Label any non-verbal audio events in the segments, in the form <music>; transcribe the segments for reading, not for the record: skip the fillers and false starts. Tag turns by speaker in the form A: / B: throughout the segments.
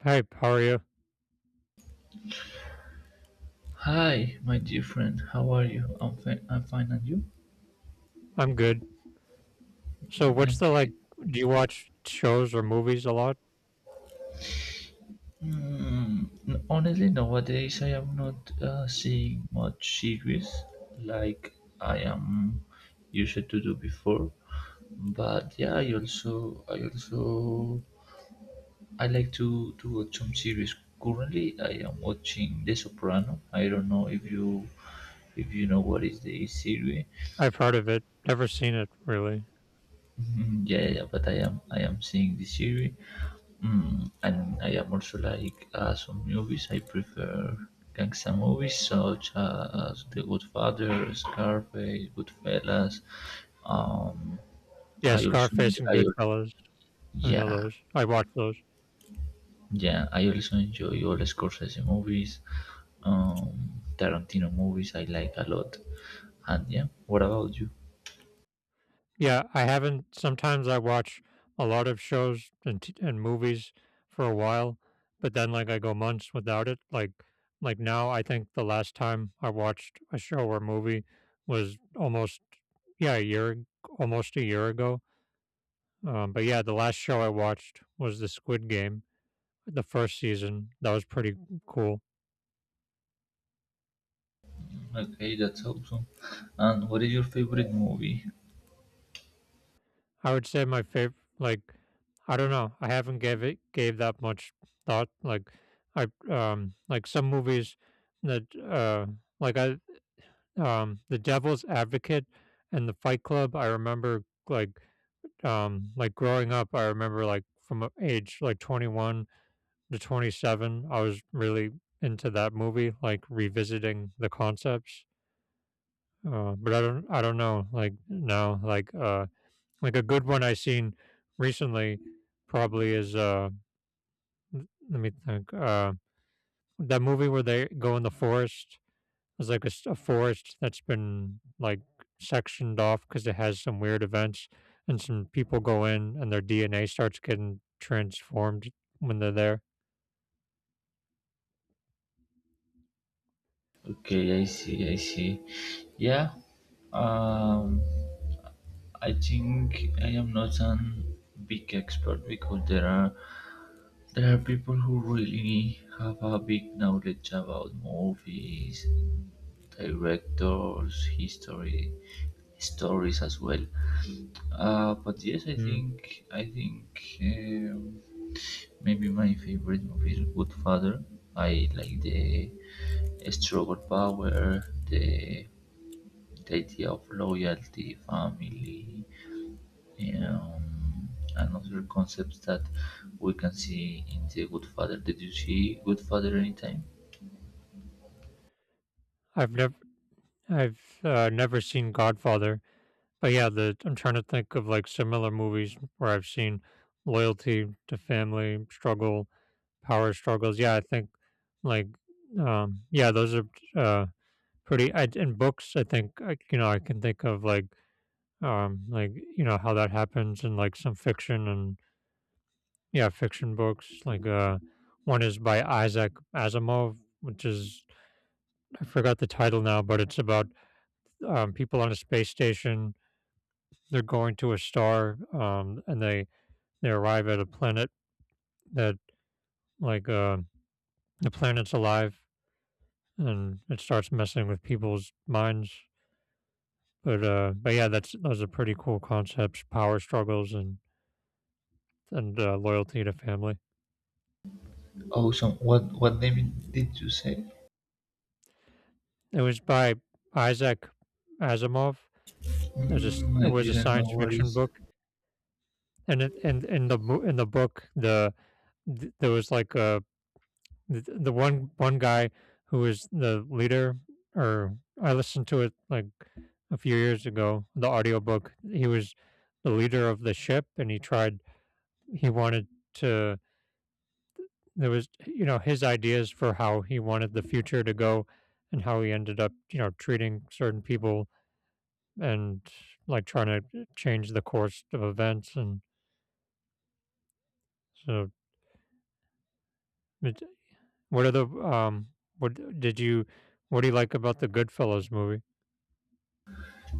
A: Hi, how are you?
B: Hi, my dear friend. How are you? I'm fine. I'm fine, and you?
A: I'm good. So, what's the
B: Okay.
A: like? Do you watch shows or movies a lot?
B: Honestly, nowadays I am not seeing much series like I am used to do before. But yeah, I also, I like to watch some series. Currently, I am watching The Soprano. I don't know if you know what is the series.
A: I've heard of it, never seen it really.
B: Mhm, yeah, but I am seeing the series. And I am also like some movies. I prefer gangster movies such as The Good Father, Scarface, Goodfellas. Um,
A: Yeah,
B: I also
A: Scarface
B: enjoy,
A: and
B: I, al-
A: Goodfellas. I know
B: yeah,
A: those. I watch those.
B: yeah. I also enjoy all Scorsese movies, um, Tarantino movies. I like a lot. And yeah, what about you?
A: Yeah, I haven't. Sometimes I watch a lot of shows and and movies for a while, but then like I go months without it. Like now, I think the last time I watched a show or movie was almost yeah a year almost a year ago. But yeah, the last show I watched was the Squid Game, the first season. That was pretty cool.
B: Okay, that's awesome. And what is your favorite movie?
A: I would say my favorite, like, I don't know. I haven't gave that much thought. Like, I like some movies that like I The Devil's Advocate and The Fight Club. I remember like growing up. I remember like from age like 21 to 27. I was really into that movie, like revisiting the concepts. But I don't know. Like now, like a good one I seen recently probably is let me think that movie where they go in the forest. It's like a forest that's been like sectioned off because it has some weird events and some people go in and their DNA starts getting transformed when they're there.
B: Okay, I see, I see. Yeah. Um, I think I am not an big expert because there are people who really have a big knowledge about movies, directors, history, stories as well. But yes,
A: Mm.
B: I think maybe my favorite movie is Godfather. I like the struggle power, the idea of loyalty, family. Um, Another concept that we can see in the Good Father. Did you see Good Father anytime?
A: I've never I've never seen Godfather, but yeah, the I'm trying to think of like similar movies where I've seen loyalty to family, struggle, power struggles. Yeah, I think like yeah, those are uh pretty in books I think you know, I can think of like you know how that happens in like some fiction and yeah, fiction books like one is by Isaac Asimov, which is I forgot the title now, but it's about people on a space station. They're going to a star and they arrive at a planet that like the planet's alive and it starts messing with people's minds. But yeah, that's those are pretty cool concepts: power struggles and and loyalty to family.
B: Awesome. What name did you say?
A: It was by Isaac Asimov. It was
B: Mm,
A: it
B: I
A: was a
B: didn't know
A: science
B: what
A: fiction
B: is.
A: book, and it and in the in the book there was like the one guy who was the leader or I listened to it like a few years ago the audiobook. He was the leader of the ship, and he tried he wanted to there was you know his ideas for how he wanted the future to go and how he ended up you know treating certain people and like trying to change the course of events and so it- what are the what did you what do you like about the Goodfellas movie?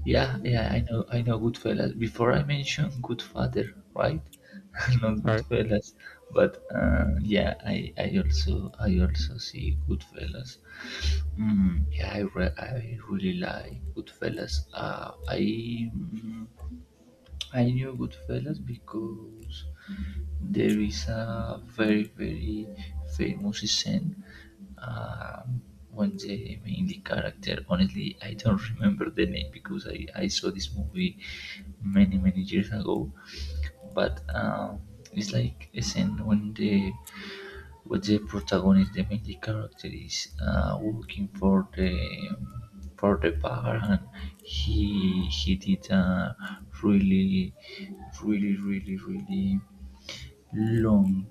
B: Yeah, yeah, I know Goodfellas. Before I mentioned Good Father, right? <laughs> Not
A: All right.
B: Goodfellas, but yeah, I also see Goodfellas. Yeah, I really like Goodfellas. Mm, I knew Goodfellas because there is a very very famous scene, um, when the main character. Honestly, I don't remember the name because I saw this movie many many years ago. But it's like a scene when the with the protagonist, the main character is working for the bar, and he did a really really long,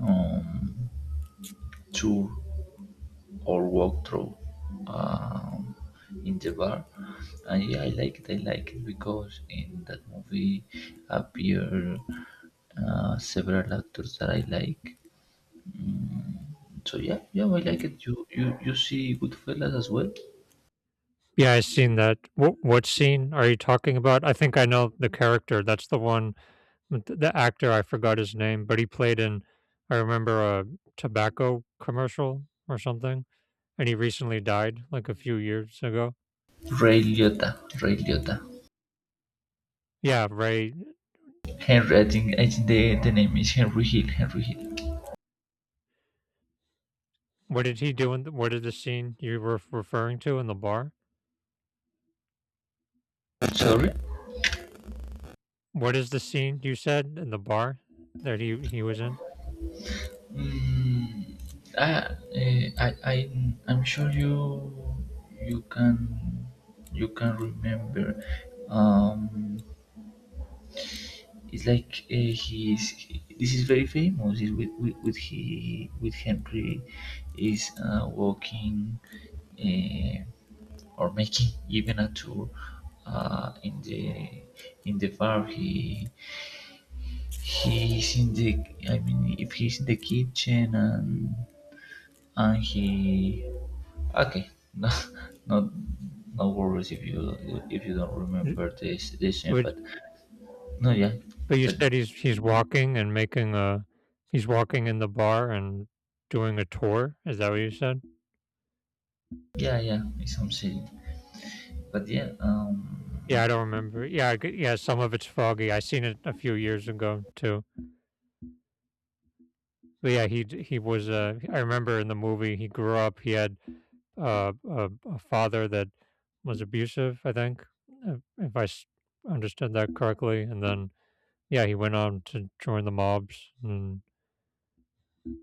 B: um, tour or walkthrough, um, in the bar, and yeah, I like it. I like it because in that movie appear several actors that I like. So yeah, yeah, I like it. You see Goodfellas as well.
A: Yeah, I seen that. What scene are you talking about? I think I know the character. That's the one, with the actor. I forgot his name, but he played in. I remember a tobacco commercial or something, and he recently died like a few years ago.
B: Ray Liotta, Ray Liotta,
A: Yeah, Ray.
B: Henry. I think the name is Henry Hill. Henry Hill.
A: What did he do in? The, what is the scene you were referring to in the bar?
B: Sorry.
A: What is the scene you said in the bar that he was in?
B: Mm, ah, eh, I I I'm sure you can you can remember. Um, it's like this is very famous. Is with he with Henry is walking. Uh, or making even a tour, uh, in the in the bar. He he's in the, I mean if he's in the kitchen and he okay <laughs> No no worries if you don't
A: N-
B: remember this scene
A: What
B: but no yeah
A: But you
B: tell
A: said
B: me.
A: he's walking and making a he's walking in the bar and doing a tour. Is that what you said?
B: Yeah yeah it's something but yeah
A: Yeah, I don't remember. Yeah, I g yeah, some of it's foggy. I seen it a few years ago too. But yeah, he was. I remember in the movie he grew up. He had a father that was abusive. I think if understood that correctly. And then yeah, he went on to join the mobs. And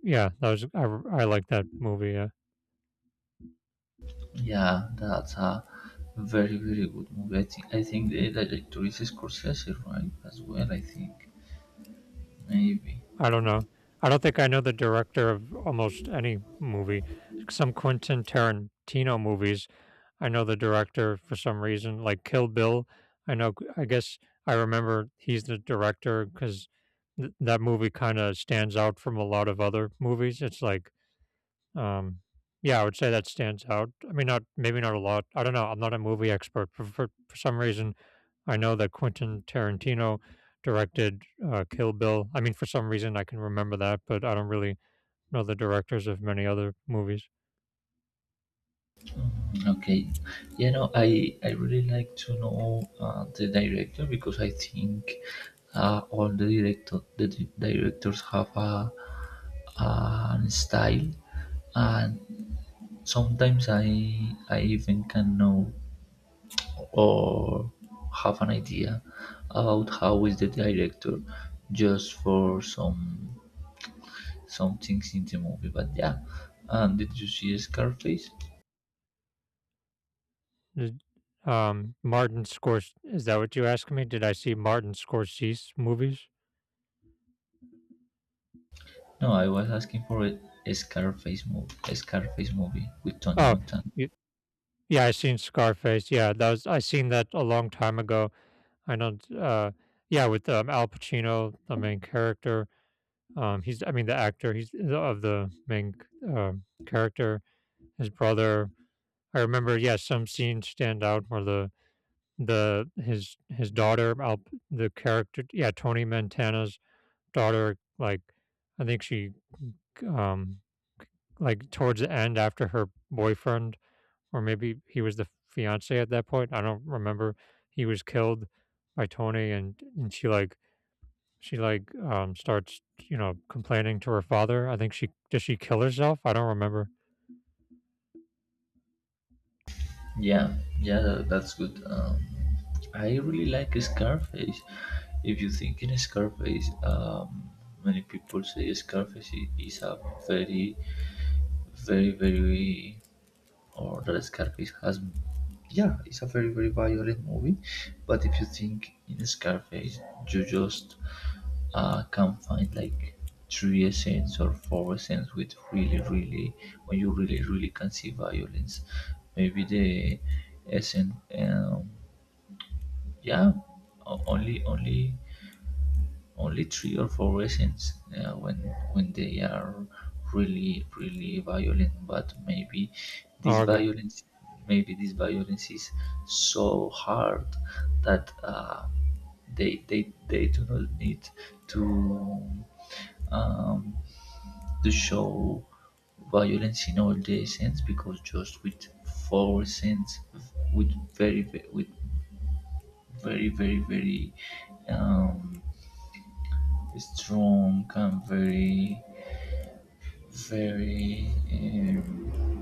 A: yeah, that was I like that movie. Yeah.
B: yeah that's a very very good movie. I think the director is Scorsese, right? As well, I think, maybe.
A: I don't know. I don't think I know the director of almost any movie. Some Quentin Tarantino movies, I know the director for some reason, like Kill Bill. I know, I guess I remember he's the director because that movie kind of stands out from a lot of other movies. It's like um, yeah, I would say that stands out. I mean, not maybe not a lot. I don't know. I'm not a movie expert. For some reason, I know that Quentin Tarantino directed Kill Bill. I mean, for some reason, I can remember that, but I don't really know the directors of many other movies.
B: Okay, you know, I really like to know the director because I think all the director directors have a an style, and sometimes I even can know or have an idea about how is the director just for some things in the movie. But yeah, did you see Scarface?
A: Did- Martin Scors. Is that what you asked me? Did I see Martin Scorsese movies?
B: No, I was asking for a Scarface movie with Tony
A: Oh,
B: Montana.
A: y- yeah, I seen Scarface. Yeah, that was I seen that a long time ago. I know. Yeah, with Al Pacino, the main character. He's, I mean, the actor, he's of the main character. His brother, I remember, yes, yeah, some scenes stand out where the his daughter, Al, the character, yeah, Tony Montana's daughter, like I think she, um, like towards the end after her boyfriend, or maybe he was the fiance at that point. I don't remember. He was killed by Tony, and she like she, like, starts, you know, complaining to her father. I think she does. She kill herself? I don't remember.
B: Yeah, yeah, that, that's good. I really like Scarface. If you think in Scarface, many people say Scarface is a very, very or the Scarface has yeah, it's a very very violent movie, but if you think in Scarface, you just can find like three scenes or four scenes with really really, when you really really can see violence. Maybe the essence, yeah, o- only only only three or four reasons when they are really really violent, but this
A: Oh, okay.
B: violence maybe this violence is so hard that they do not need to, um, to show violence in all the sense because just with 4 cents with with very, um, strong and very, very,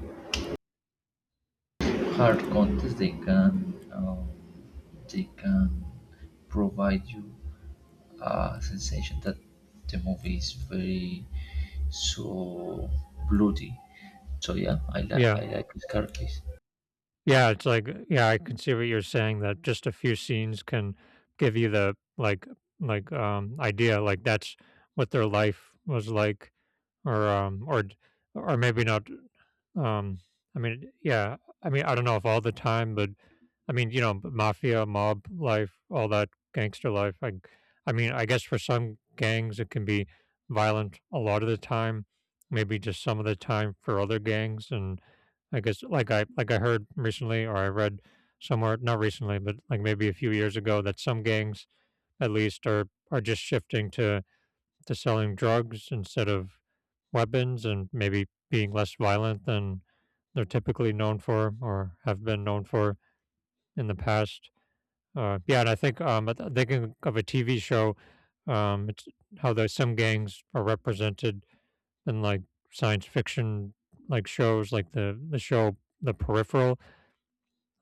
B: hard contest. They can provide you a sensation that the movie is very so bloody. So yeah,
A: Yeah. Yeah,
B: I like this characters.
A: yeah, it's like yeah, I can see what you're saying that just a few scenes can give you the like idea like that's what their life was like or d or maybe not, um, I mean, yeah, I mean, I don't know if all the time, but I mean, you know, mafia, mob life, all that gangster life, I mean, I guess for some gangs, it can be violent a lot of the time, maybe just some of the time for other gangs, and I guess, like I heard recently or I read somewhere, not recently, but, like, maybe a few years ago that some gangs, at least, are just shifting to selling drugs instead of weapons and maybe being less violent than they're typically known for or have been known for in the past. Yeah, and I think thinking of a TV show, it's how there's some gangs are represented in like science fiction like shows, like the show The Peripheral.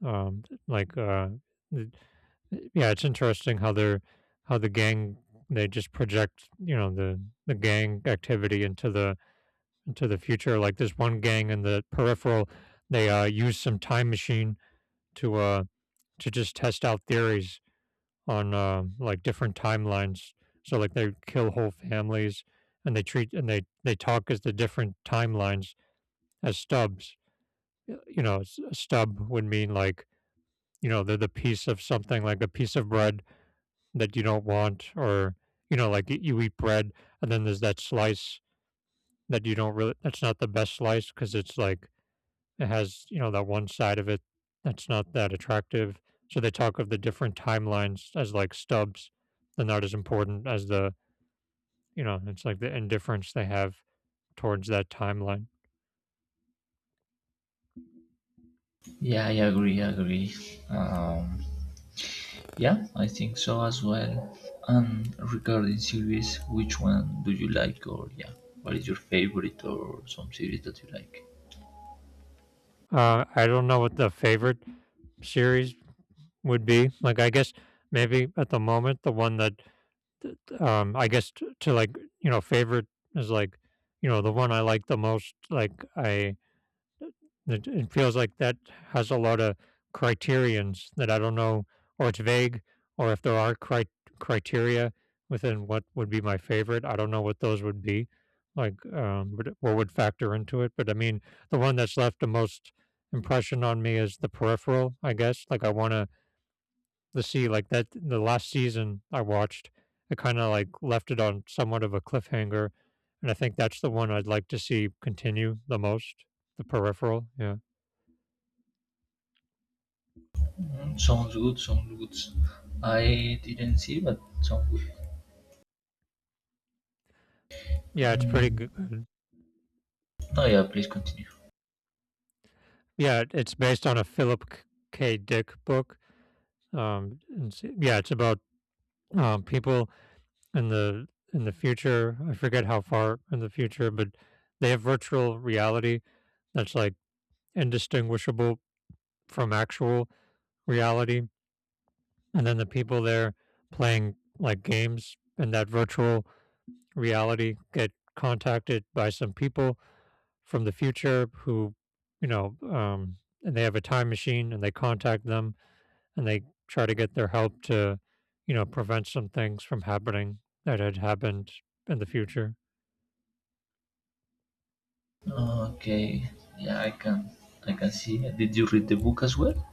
A: Like, th- yeah, it's interesting how they're how the gang they just project you know the gang activity into the future. Like this one gang in the peripheral, they used some time machine to uh, to just test out theories on like different timelines. So like they kill whole families and they treat and they talk as the different timelines as stubs. You know, a stub would mean like you know they're the piece of something like a piece of bread that you don't want or you know like you eat bread and then there's that slice that you don't really that's not the best slice because it's like it has, you know, that one side of it that's not that attractive. So they talk of the different timelines as like stubs. They're not as important as the, you know, it's like the indifference they have towards that timeline.
B: Yeah, I agree, I agree. Um, Yeah, I think so as well. And regarding series, which one do you like, or yeah, what is your favorite, or some series that you like?
A: I don't know what the favorite series would be. Like, I guess maybe at the moment, the one that, I guess to like, you know, favorite is like, you know, the one I like the most. Like, it, it feels like that has a lot of criterions that I don't know, or it's vague, or if there are criteria within what would be my favorite. I don't know what those would be, like, but what would factor into it. But I mean, the one that's left the most impression on me is the peripheral, I guess. Like, I want to the sea like that the last season I watched, I kinda, like, left it on somewhat of a cliffhanger, and I think that's the one I'd like to see continue the most, The Peripheral, yeah.
B: Mm, sounds good, sounds good. I didn't see, but sounds good.
A: Yeah, it's pretty
B: Um,
A: good.
B: no, yeah, please continue.
A: Yeah, it's based on a Philip K K. Dick book, and s yeah, it's about, people in the in the future. I forget how far in the future, but they have virtual reality that's like indistinguishable from actual reality. And then the people there playing like games in that virtual reality get contacted by some people from the future who, you know, and they have a time machine and they contact them and they try to get their help to, you know, prevent some things from happening that had happened in the future.
B: Okay, yeah, I can see. Did you read the book as well?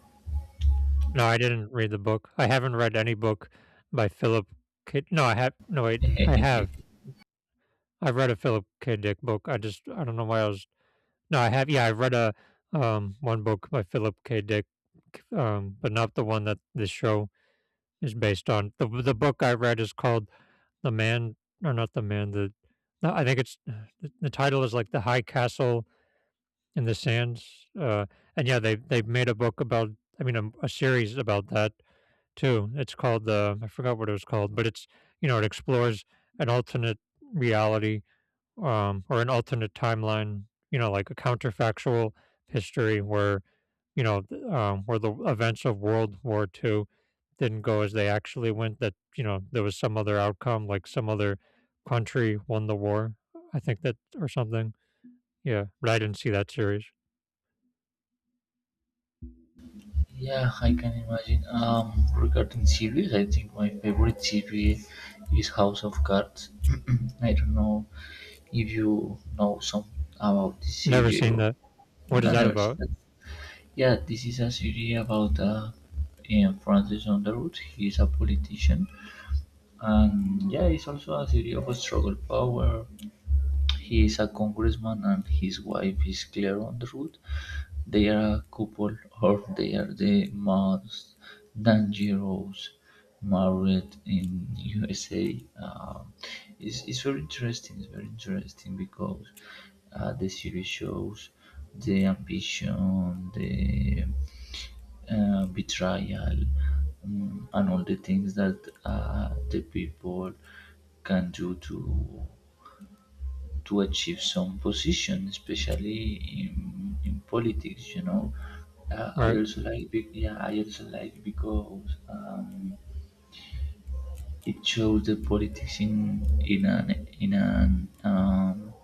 A: No, I didn't read the book. I haven't read any book by Philip K. No, I have. No, wait, I have.
B: <laughs>
A: I've read a Philip K. Dick book. I don't know why I was. No, I have. Yeah, I have read a one book by Philip K. Dick, but not the one that this show is based on. The book I read is called The Man, or not The Man. The no, I think it's the title is like The High Castle in the Sands. And yeah, they made a book about. I mean, a series about that too. It's called the I forgot what it was called, but it's you know it explores an alternate reality, or an alternate timeline. You know, like a counterfactual history where where the events of World War 2 didn't go as they actually went. That you know there was some other outcome, like some other country won the war. I think that or something. Yeah, but I didn't see that series.
B: Yeah, I can imagine. Regarding series, I think my favorite series is House of Cards. <clears throat> I don't know if you know some about this
A: Never seen
B: serial.
A: that. What is
B: No,
A: that
B: never seen
A: about?
B: that. Yeah, this is a series about Francis Underwood. He is a politician, and yeah, it's also a series of struggle power. He is a congressman, and his wife is Claire Underwood. There are couple out there, the most Dangerous married in USA. It's very interesting. It's very interesting because the series shows the ambition, the betrayal, and all the things that the people can do to achieve some position, especially in politics. You know, I
A: Right.
B: also like yeah, I also like because it shows the politics in an in an,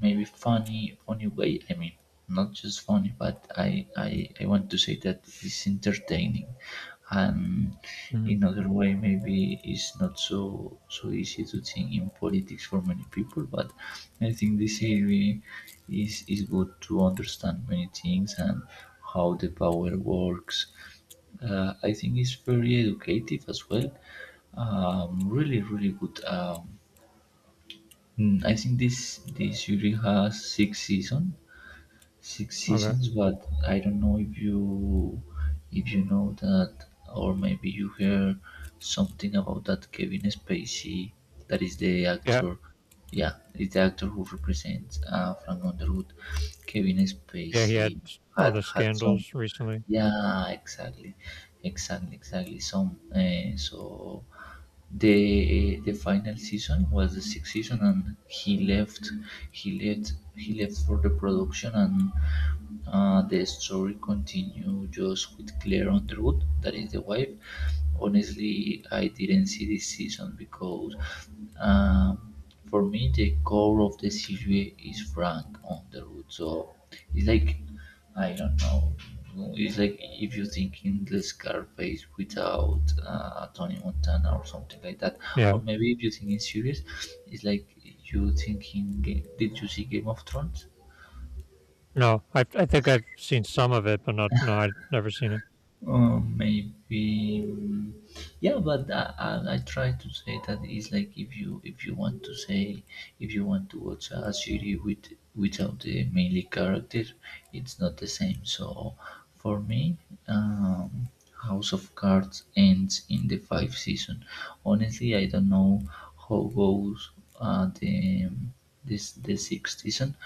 B: maybe funny funny way. I mean not just funny, but I want to say that it's entertaining, and
A: Mhm.
B: in other way maybe it's not so so easy to think in politics for many people, but I think this area is good to understand many things and how the power works. I think it's very educative as well, really really good. Mm, I think this series has six season, six
A: Okay.
B: seasons. But I don't know if you know that, or maybe you heard something about that Kevin Spacey, that is the
A: Yeah.
B: actor. Yeah, is the actor who represents Frank Underwood. Kevin
A: Yeah, he had
B: Spacey
A: s
B: had
A: other
B: had some,
A: scandals recently.
B: yeah, exactly, exactly, exactly. So, so the final season was the sixth season, and he left. He left for the production, and the story continued just with Claire Underwood, that is the wife. Honestly, I didn't see this season because um, for me the core of the series is Frank Underwood. So it's like I don't know. It's like if you think in the Scarface without Tony Montana or something like that, or
A: Yeah.
B: maybe if you think in series, it's like you thinking. Did you see Game of Thrones?
A: No, I think I've seen some of it, but not no, I've never seen it.
B: Maybe yeah, but I try to say that is like if you want to say if you want to watch a series with without the mainly character, it's not the same. So for me, um, House of Cards ends in the five season. Honestly I don't know how goes the this the sixth season,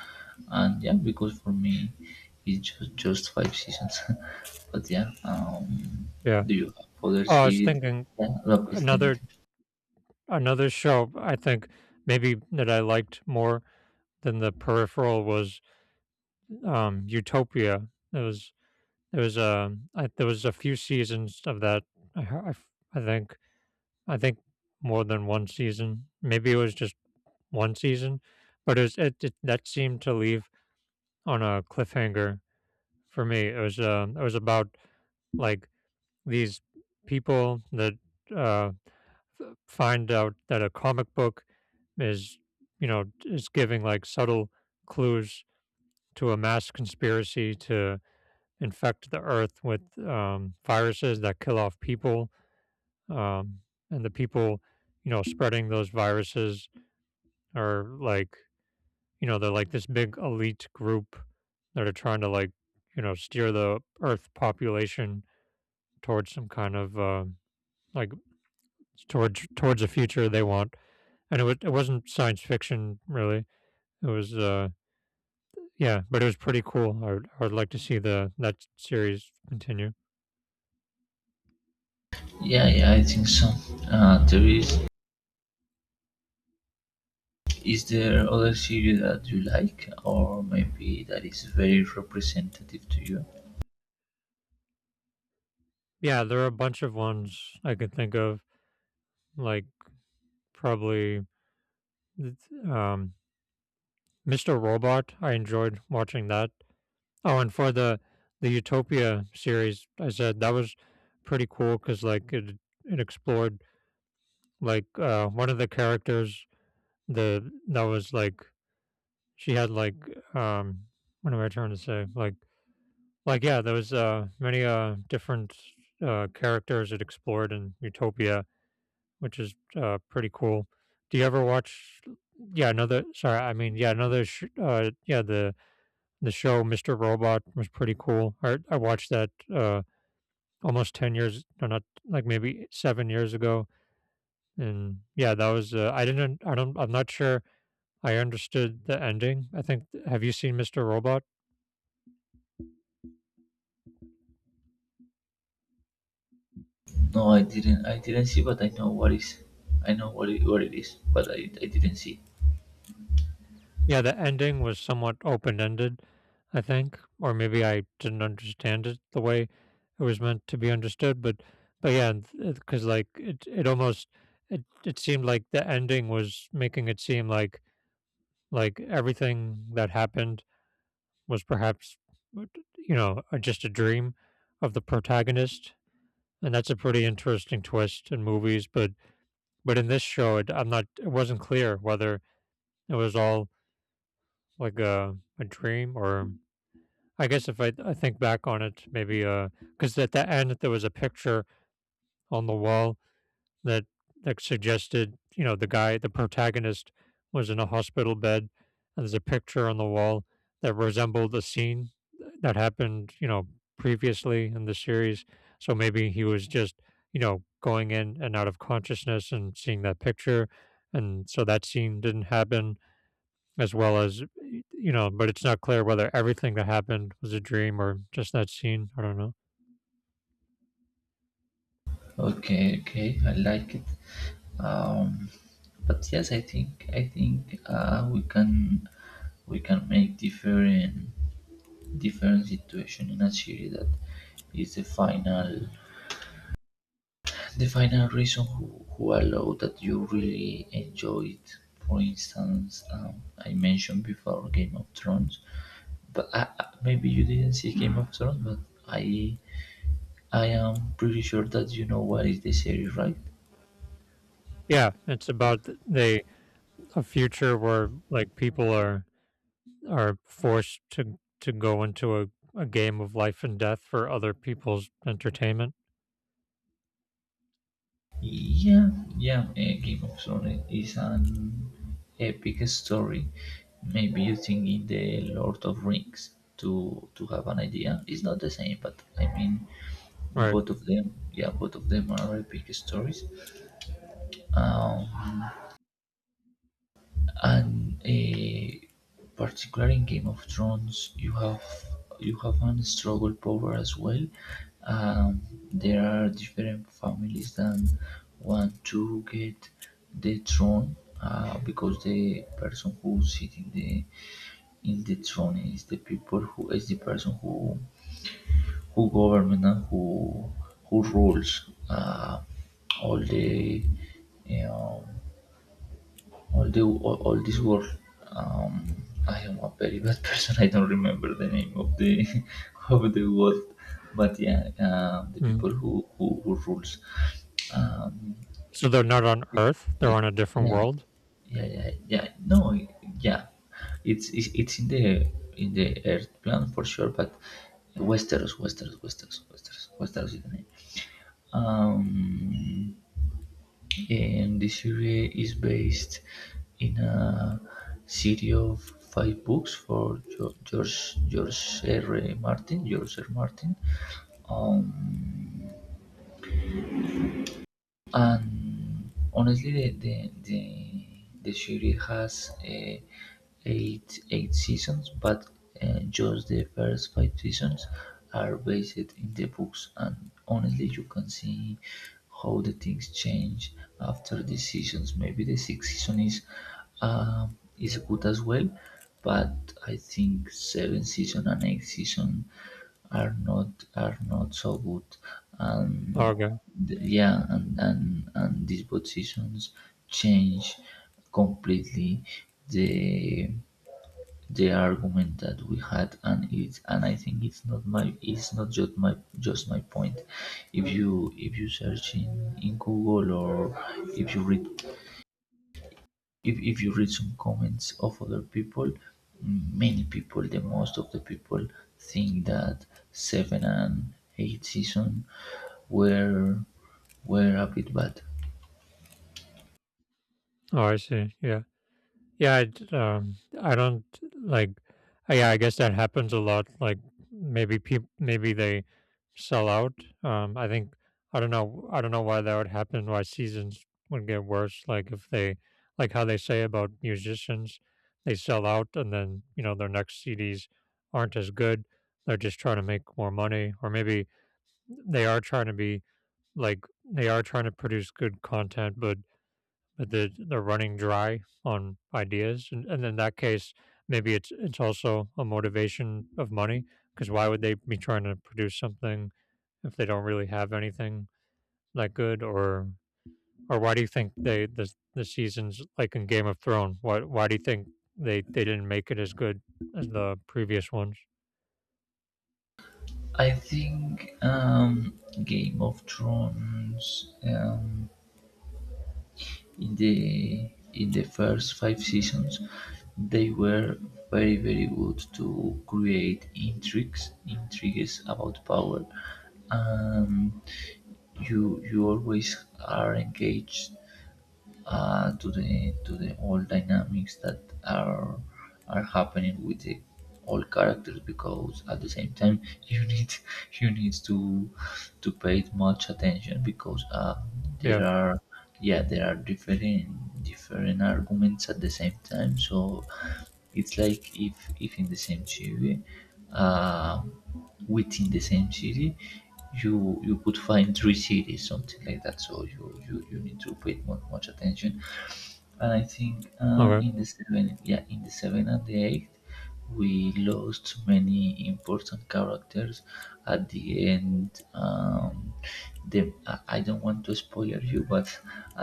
B: and yeah because for me it's just five seasons. <laughs> But yeah.
A: Yeah.
B: Do you have other
A: Oh, I was
B: series?
A: thinking
B: Yeah, appeal
A: another
B: to-
A: another show I think maybe that I liked more than The Peripheral was, Utopia. It was it was. There was a few seasons of that. I hea I f I think I think more than 1 season. Maybe it was just 1 season, but it was it that seemed to leave on a cliffhanger for me. It was about, like, these people that, uh f- find out that a comic book is, you know, is giving like subtle clues to a mass conspiracy to infect the earth with viruses that kill off people. Um, and the people, you know, spreading those viruses are like, you know, they're like this big elite group that are trying to like, you know, steer the earth population towards some kind of like towards a future they want. It wasn't science fiction really. It was yeah, but it was pretty cool. I would like to see the that series continue.
B: yeah, yeah, I think so. There is there other series that you like, or maybe that is very representative to you?
A: Yeah, there are a bunch of ones I could think of, like probably, um, Mr. Robot. I enjoyed watching that. Oh, and for the Utopia series, I said that was pretty cool because like it explored like, one of the characters the that was like she had like um what am I trying to say like, yeah, there was, many, different, characters it explored in Utopia, which is, pretty cool. Do you ever watch yeah, another sorry, I mean, yeah, another sh yeah, the show Mr. Robot was pretty cool. I watched that, almost 10 years no, not like, maybe 7 years ago, and yeah, that was, I didn't I'm not sure I understood the ending. I think have you seen Mr. Robot?
B: No, I didn't. I didn't see, but I know what is. I know what it is, but I didn't see.
A: Yeah, the ending was somewhat open-ended, I think, or maybe I didn't understand it the way it was meant to be understood, but yeah, 'cause like it almost it seemed like the ending was making it seem like everything that happened was perhaps what- you know, just a dream of the protagonist, and that's a pretty interesting twist in movies, but in this show, it, I'm not it wasn't clear whether it was all like a dream or I guess if I think back on it, maybe because at the end there was a picture on the wall that that suggested, you know, the guy, the protagonist, was in a hospital bed, and there's a picture on the wall that resembled a scene that happened, you know, previously in the series. So maybe he was just, you know, going in and out of consciousness and seeing that picture, and so that scene didn't happen as well as you know, but it's not clear whether everything that happened was a dream or just that scene. I don't know.
B: Okay, okay, I like it. Um, but yes, I think we can make different different situation in a series that is the final reason who allow that you really enjoy it. For instance, I mentioned before Game of Thrones, but maybe you didn't see Game of Thrones, but I I am pretty sure that you know what is the series, right?
A: Yeah, it's about they a future where like people are forced to go into a game of life and death for other people's entertainment.
B: Yeah, yeah, a Game of Thrones is an epic story. Maybe you think in the Lord of Rings to have an idea. It's not the same, but I mean,
A: Right.
B: both of them, yeah, both of them are epic stories. Um, and particularly in Game of Thrones, you have an struggle power as well. Um, there are different families that want to get the throne, because the person who sits in the throne is the people who is the person who government and who rules all the, um, although all this work, um, I am a very bad person. <laughs> I don't remember the name of the <laughs> of the world, but yeah, the
A: Hmm.
B: people who rules. Um,
A: So they're not on
B: it-
A: Earth; they're
B: yeah,
A: on a different
B: yeah,
A: world.
B: yeah. No, yeah, it's in the Earth plan for sure, but Westeros is the name. Um, and this series is based in a series of five books for George R. R. Martin. George R. Martin. Um, and honestly, the series has eight seasons, but just the first five seasons are based in the books. And honestly, you can see how the things change after the seasons. Maybe the sixth season is good as well, but I think seventh season and eighth season are not so good,
A: Oh,
B: and
A: okay.
B: yeah, and these positions change completely the the argument that we had, and I think it's not my it's not just my just my point. If you search in Google, or if you read if you read some comments of other people. Many people, the most of the people think that seven and eight season were were a bit bad.
A: Oh, I see. Yeah, yeah. I don't like. Yeah, I guess that happens a lot. Like maybe people, maybe they sell out. I think I don't know. I don't know why that would happen. Why seasons would get worse? Like if they, like how they say about musicians, they sell out, and then you know their next CDs aren't as good. They're just trying to make more money, or maybe they are trying to be like they are trying to produce good content, but they're running dry on ideas, and in that case, maybe it's also a motivation of money because why would they be trying to produce something if they don't really have anything that good, or why do you think they the seasons like in Game of Thrones? Why do you think they didn't make it as good as the previous ones?
B: I think Game of Thrones, in the first five seasons, they were very very good to create intrigues about power, and you always are engaged to the all dynamics that are happening with the all characters, because at the same time you need <laughs> you need to pay much attention, because
A: Yeah.
B: there are yeah, there are different arguments at the same time. So it's like, if in the same TV, um within the same city, you could find three cities, something like that. So you need to pay much attention. And I think,
A: Okay.
B: in the seven yeah, in the seven and the eight, we lost many important characters at the end. The I don't want to spoil you, but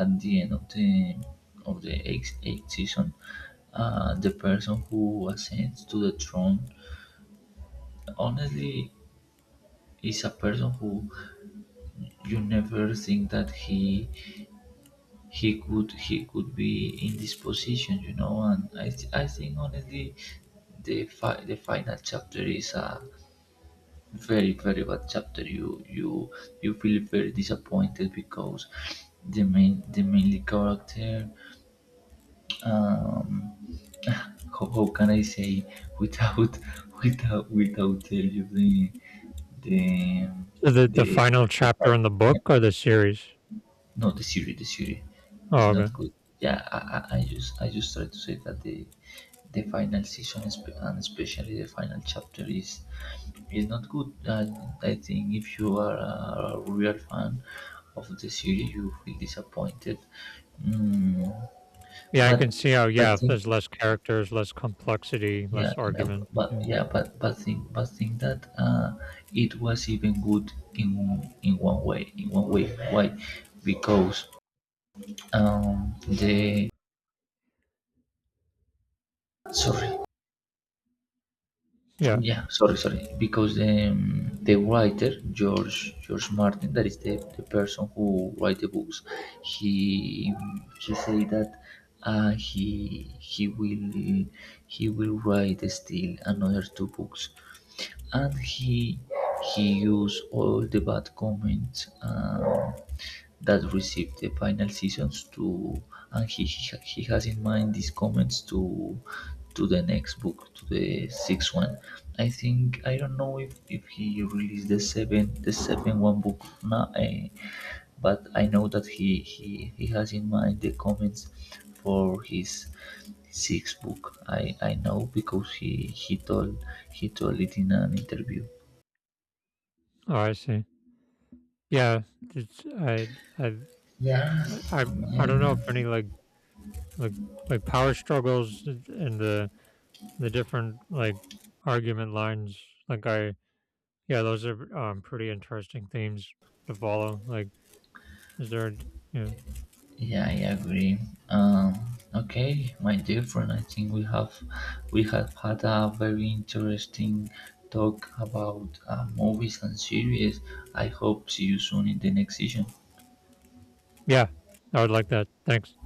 B: at the end of the eighth season, the person who ascends to the throne, honestly, is a person who you never think that he could be in this position. And I think honestly, the final chapter is a very very bad chapter. You feel very disappointed, because the mainly character. um <laughs> how can I say, without <laughs> without tell you the
A: So the
B: the,
A: final
B: the
A: chapter in the
B: fact.
A: book or the series?
B: No, the series is
A: Oh, okay.
B: not good. Yeah, I just try to say that the final season, and especially the final chapter is not good. I think if you are a real fan of the series, you feel disappointed. Mm,
A: Yeah, I can
B: but
A: see how, yeah,
B: but
A: if
B: think,
A: there's less characters, less complexity,
B: yeah
A: less
B: yeah but
A: arguments.
B: but-
A: Yeah.
B: yeah but but think but think that it was even good in one way. Why? Because the sorry,
A: Yeah.
B: yeah, sorry, sorry, because the writer, George Martin, that is the person who write the books. He he say that uh, he he will he will write still another two books, and he used all the bad comments that received the final seasons, to. And he has in mind these comments to the next book, to the sixth one. I think I don't know if he released the seven one book now, eh, but I know that he has in mind the comments for his sixth book. I know, because he told it in an interview.
A: Oh, I see. Yeah, it's I
B: Yeah.
A: I I I
B: Yeah,
A: don't know
B: yeah,
A: if any like like like power struggles and the the different like argument lines like I yeah, those are pretty interesting themes to follow. Like is there a d- yeah.
B: yeah, I agree. Um, okay, my dear friend. I think we have had a very interesting talk about movies and series. I hope see you soon in the next session.
A: Yeah. I would like that. Thanks.